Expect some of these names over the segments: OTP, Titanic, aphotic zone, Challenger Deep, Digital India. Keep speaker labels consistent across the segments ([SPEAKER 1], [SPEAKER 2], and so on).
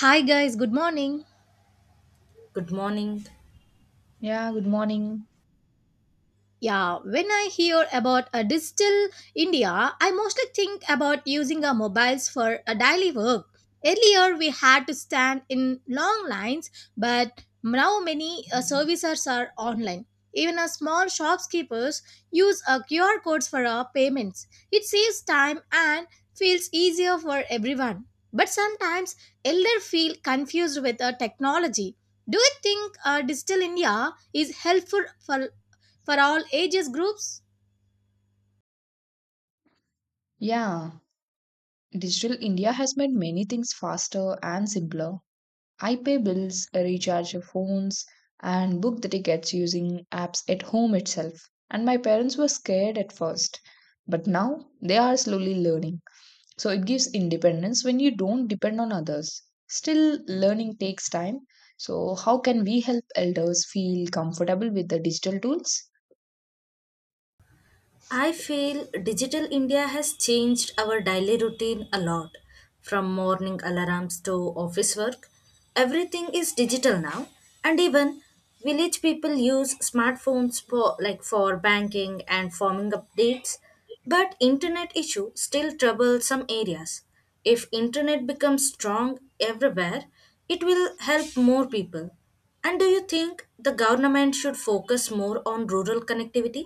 [SPEAKER 1] Hi guys, good morning.
[SPEAKER 2] Good morning.
[SPEAKER 3] Yeah, good morning.
[SPEAKER 1] Yeah, when I hear about a digital India, I mostly think about using our mobiles for a daily work. Earlier, we had to stand in long lines, but now many services are online. Even a small shopkeepers use a QR codes for our payments. It saves time and feels easier for everyone. But sometimes elder feel confused with the technology. Do you think digital India is helpful for all ages groups?
[SPEAKER 3] Yeah, digital India has made many things faster and simpler. I pay bills, recharge your phones, and book the tickets using apps at home itself. And my parents were scared at first, but now they are slowly learning. So it gives independence when you don't depend on others. Still, learning takes time. So, how can we help elders feel comfortable with the digital tools?
[SPEAKER 2] I feel digital India has changed our daily routine a lot. From morning alarms to office work, everything is digital now. And even village people use smartphones for like for banking and farming updates, but internet issue still trouble some areas. If internet becomes strong everywhere, it will help more people. And do you think the government should focus more on rural connectivity?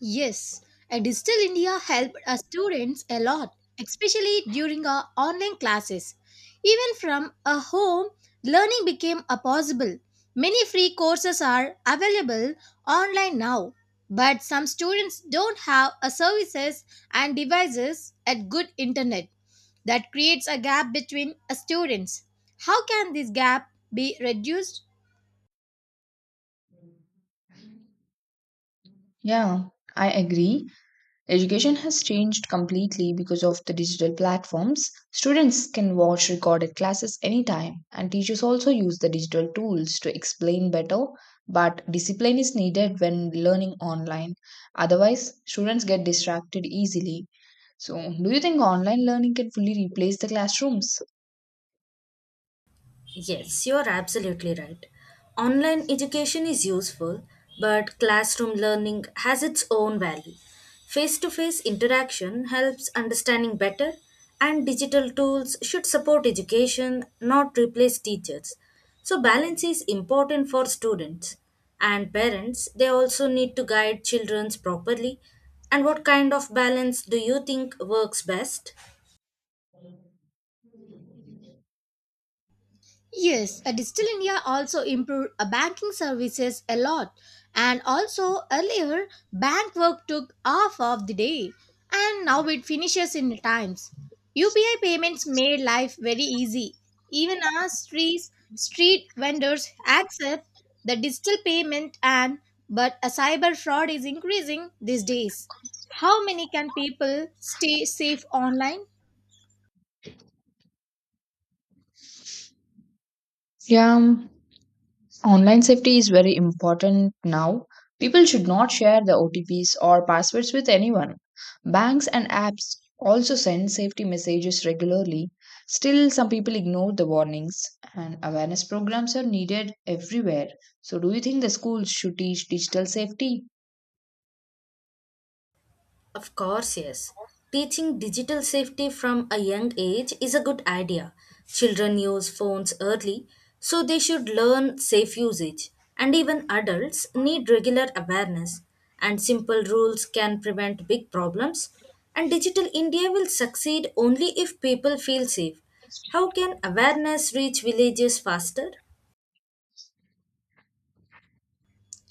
[SPEAKER 1] Yes, and Digital India helped us students a lot, especially during our online classes. Even from a home, learning became a possible. Many free courses are available online now, but some students don't have a services and devices at good internet. That creates a gap between a students. How can this gap be reduced?
[SPEAKER 3] Yeah, I agree. Education has changed completely because of the digital platforms. Students can watch recorded classes anytime, and teachers also use the digital tools to explain better. But discipline is needed when learning online. Otherwise, students get distracted easily. So, do you think online learning can fully replace the classrooms?
[SPEAKER 2] Yes, you are absolutely right. Online education is useful, but classroom learning has its own value. Face to face interaction helps understanding better, and digital tools should support education, not replace teachers. So, balance is important for students and parents. They also need to guide children properly. And what kind of balance do you think works best?
[SPEAKER 1] Yes, a Digital India also improved banking services a lot. And also earlier, bank work took half of the day. And now it finishes in times. UPI payments made life very easy. Even our streets, street vendors accept the digital payment and but a cyber fraud is increasing these days. How many can people stay safe online?
[SPEAKER 3] Yeah, online safety is very important now. People should not share the OTPs or passwords with anyone. Banks and apps also send safety messages regularly. Still, some people ignore the warnings, and awareness programs are needed everywhere. So, do you think the schools should teach digital safety?
[SPEAKER 2] Of course, yes. Teaching digital safety from a young age is a good idea. Children use phones early, so they should learn safe usage. And even adults need regular awareness. And simple rules can prevent big problems. And Digital India will succeed only if people feel safe. How can awareness reach villages faster?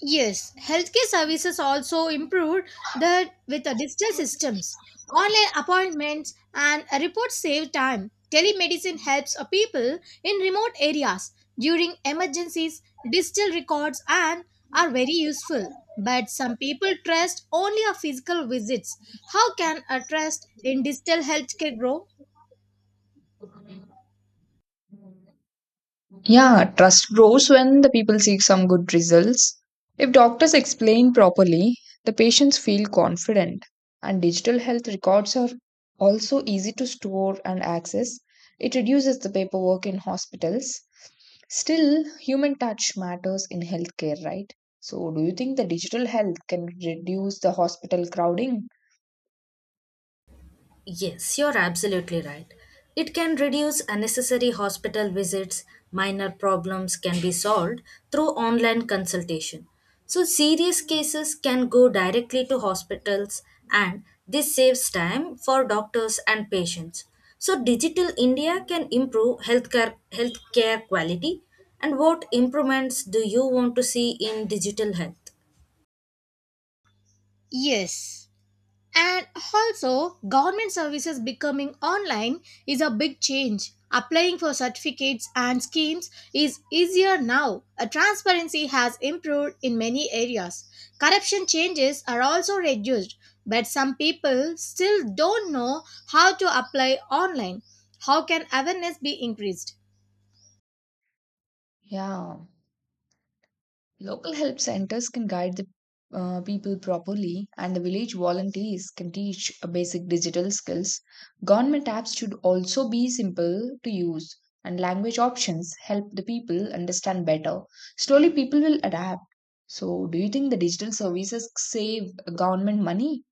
[SPEAKER 1] Yes, healthcare services also improved that with the digital systems. Online appointments and reports save time. Telemedicine helps a people in remote areas during emergencies. Digital records and are very useful. But some people trust only a physical visits. How can a trust in digital healthcare grow?
[SPEAKER 3] Yeah, trust grows when the people seek some good results. If doctors explain properly, the patients feel confident. And digital health records are also easy to store and access. It reduces the paperwork in hospitals. Still, human touch matters in healthcare, right? So, do you think the digital health can reduce the hospital crowding?
[SPEAKER 2] Yes, you're absolutely right. It can reduce unnecessary hospital visits. Minor problems can be solved through online consultation. So, serious cases can go directly to hospitals, and this saves time for doctors and patients. So, Digital India can improve healthcare quality. And what improvements do you want to see in digital health?
[SPEAKER 1] Yes. And also, government services becoming online is a big change. Applying for certificates and schemes is easier now. A transparency has improved in many areas. Corruption changes are also reduced, but some people still don't know how to apply online. How can awareness be increased?
[SPEAKER 3] Yeah. Local help centers can guide the people properly, and the village volunteers can teach basic digital skills. Government apps should also be simple to use, and language options help the people understand better. Slowly, people will adapt. So, do you think the digital services save government money?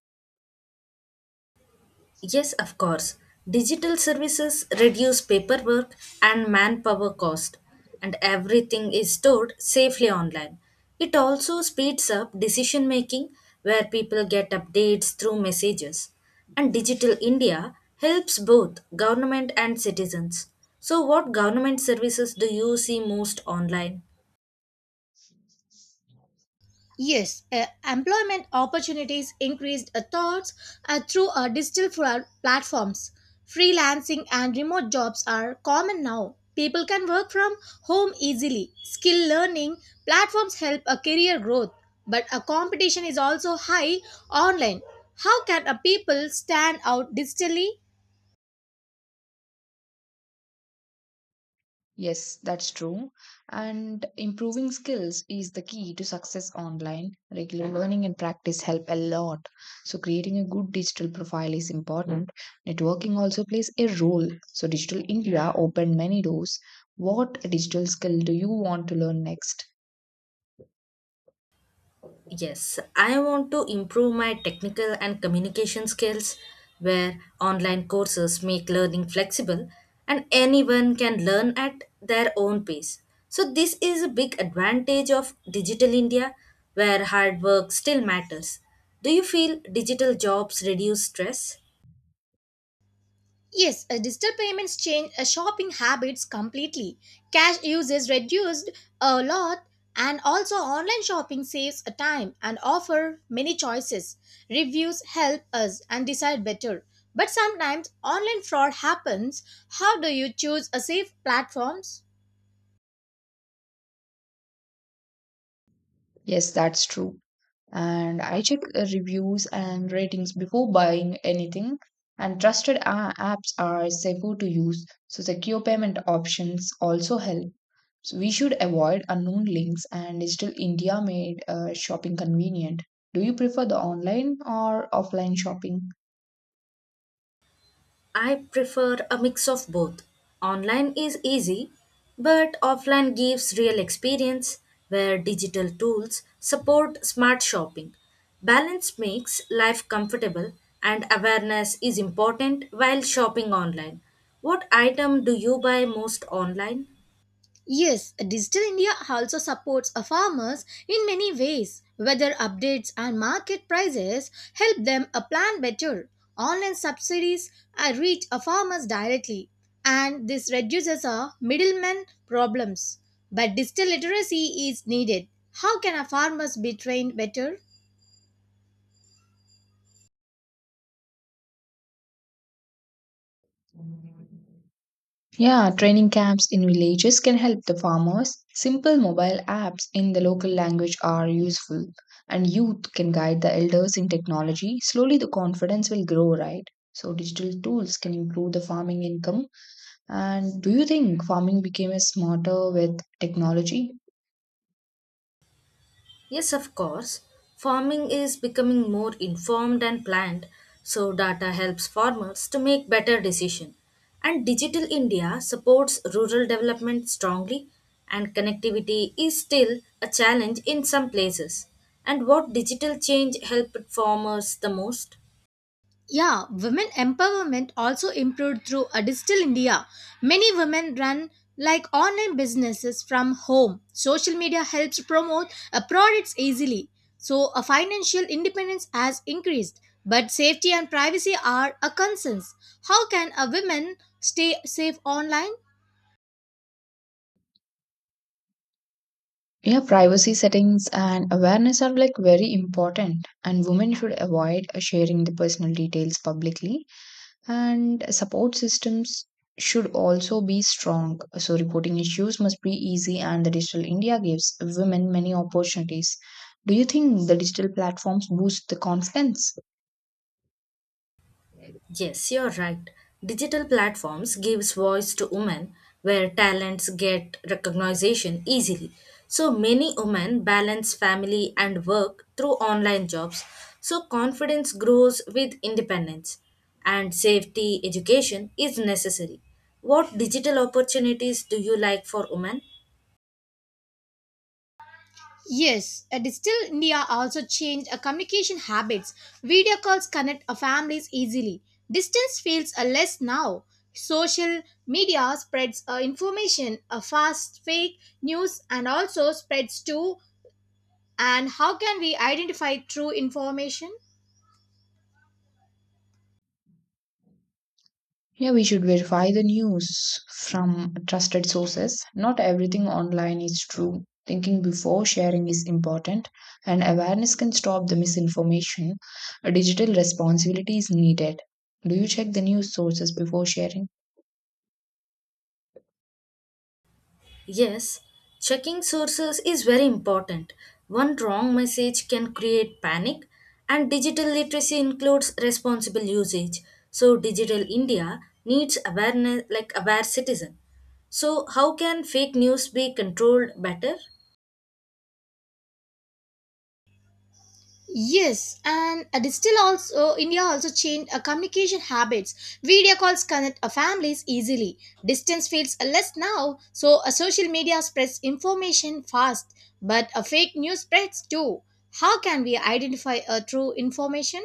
[SPEAKER 2] Yes, of course. Digital services reduce paperwork and manpower cost, and everything is stored safely online. It also speeds up decision making where people get updates through messages. And Digital India helps both government and citizens. So, what government services do you see most online?
[SPEAKER 1] Yes, employment opportunities increased thoughts through digital platforms. Freelancing and remote jobs are common now. People can work from home easily. Skill learning platforms help a career growth, but a competition is also high online. How can a people stand out digitally?
[SPEAKER 3] Yes, that's true. And improving skills is the key to success online. Regular learning and practice help a lot. So, creating a good digital profile is important. Networking also plays a role. So, Digital India opened many doors. What digital skill do you want to learn next?
[SPEAKER 2] Yes, I want to improve my technical and communication skills where online courses make learning flexible and anyone can learn at their own pace. So, this is a big advantage of digital India where hard work still matters. Do you feel digital jobs reduce stress?
[SPEAKER 1] Yes, digital payments change shopping habits completely. Cash use is reduced a lot, and also online shopping saves time and offer many choices. Reviews help us and decide better. But sometimes online fraud happens. How do you choose a safe platforms?
[SPEAKER 3] Yes, that's true. And I check reviews and ratings before buying anything. And trusted apps are safer to use, so secure payment options also help. So we should avoid unknown links and digital India made shopping convenient. Do you prefer the online or offline shopping?
[SPEAKER 2] I prefer a mix of both. Online is easy, but offline gives real experience where digital tools support smart shopping. Balance makes life comfortable and awareness is important while shopping online. What item do you buy most online?
[SPEAKER 1] Yes, Digital India also supports our farmers in many ways. Weather updates and market prices help them plan better. Online subsidies reach our farmers directly, and this reduces our middlemen problems. But digital literacy is needed. How can our farmers be trained better?
[SPEAKER 3] Yeah, training camps in villages can help the farmers. Simple mobile apps in the local language are useful, and youth can guide the elders in technology. Slowly, the confidence will grow, right? So, digital tools can improve the farming income. And do you think farming became a smarter with technology?
[SPEAKER 2] Yes, of course. Farming is becoming more informed and planned, so data helps farmers to make better decisions. And Digital India supports rural development strongly, and connectivity is still a challenge in some places. And what digital change helped farmers the most?
[SPEAKER 1] Yeah, women empowerment also improved through a digital India. Many women run like online businesses from home. Social media helps promote products easily. So, a financial independence has increased, but safety and privacy are a concerns. How can a woman stay safe online?
[SPEAKER 3] Yeah, privacy settings and awareness are like very important, and women should avoid sharing the personal details publicly. And support systems should also be strong. So, reporting issues must be easy, and the Digital India gives women many opportunities. Do you think the digital platforms boost the confidence?
[SPEAKER 2] Yes, you're right. Digital platforms gives voice to women where talents get recognition easily. So many women balance family and work through online jobs. So confidence grows with independence and safety education is necessary. What digital opportunities do you like for women?
[SPEAKER 1] Yes, Digital India also changed communication habits. Video calls connect families easily. Distance feels less now. Social media spreads information, fast fake news, and also spreads too. And how can we identify true information?
[SPEAKER 3] Yeah, we should verify the news from trusted sources. Not everything online is true. Thinking before sharing is important, and awareness can stop the misinformation. A digital responsibility is needed. Do you check the news sources before sharing?
[SPEAKER 2] Yes, checking sources is very important. One wrong message can create panic, and digital literacy includes responsible usage. So, digital India needs awareness like aware citizen. So, how can fake news be controlled better?
[SPEAKER 1] Yes, and this still also India also changed communication habits. Video calls connect families easily. Distance feels less now, so social media spreads information fast, but fake news spreads too. How can we identify a true information?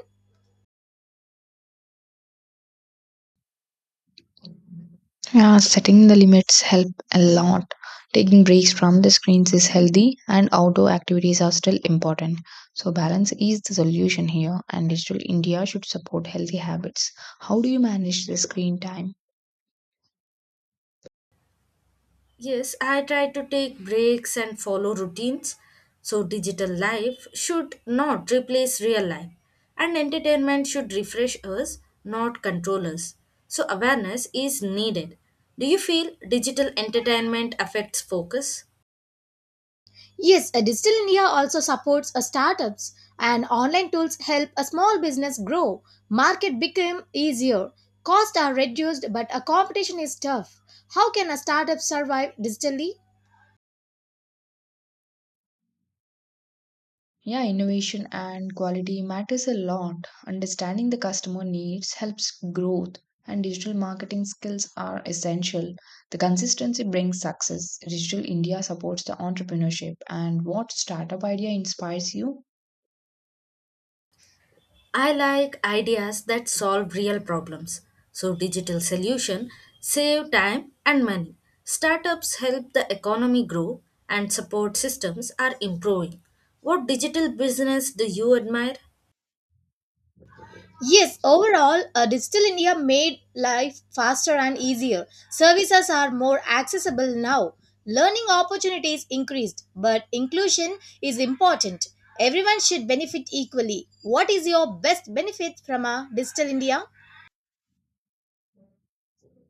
[SPEAKER 3] Yeah, setting the limits help a lot. Taking breaks from the screens is healthy and outdoor activities are still important. So balance is the solution here and digital India should support healthy habits. How do you manage the screen time?
[SPEAKER 2] Yes, I try to take breaks and follow routines. So, digital life should not replace real life, and entertainment should refresh us, not control us. So, awareness is needed. Do you feel digital entertainment affects focus?
[SPEAKER 1] Yes, Digital India also supports startups, and online tools help a small business grow. Market become easier, costs are reduced, but a competition is tough. How can a startup survive digitally?
[SPEAKER 3] Yeah, innovation and quality matters a lot. Understanding the customer needs helps growth and digital marketing skills are essential. The consistency brings success. Digital India supports the entrepreneurship and what startup idea inspires you?
[SPEAKER 2] I like ideas that solve real problems. So digital solution save time and money. Startups help the economy grow and support systems are improving. What digital business do you admire?
[SPEAKER 1] Yes, overall, Digital India made life faster and easier. Services are more accessible now. Learning opportunities increased, but inclusion is important. Everyone should benefit equally. What is your best benefit from Digital India?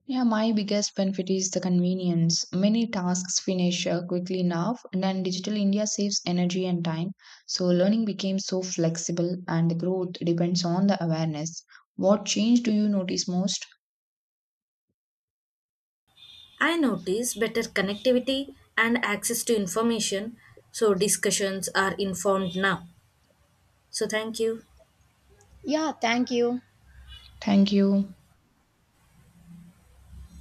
[SPEAKER 3] Yeah, my biggest benefit is the convenience. Many tasks finish quickly now, and then Digital India saves energy and time. So, learning became so flexible, and the growth depends on the awareness. What change do you notice most?
[SPEAKER 2] I notice better connectivity and access to information so discussions are informed now. So thank you.
[SPEAKER 1] Yeah, thank you.
[SPEAKER 3] Thank you.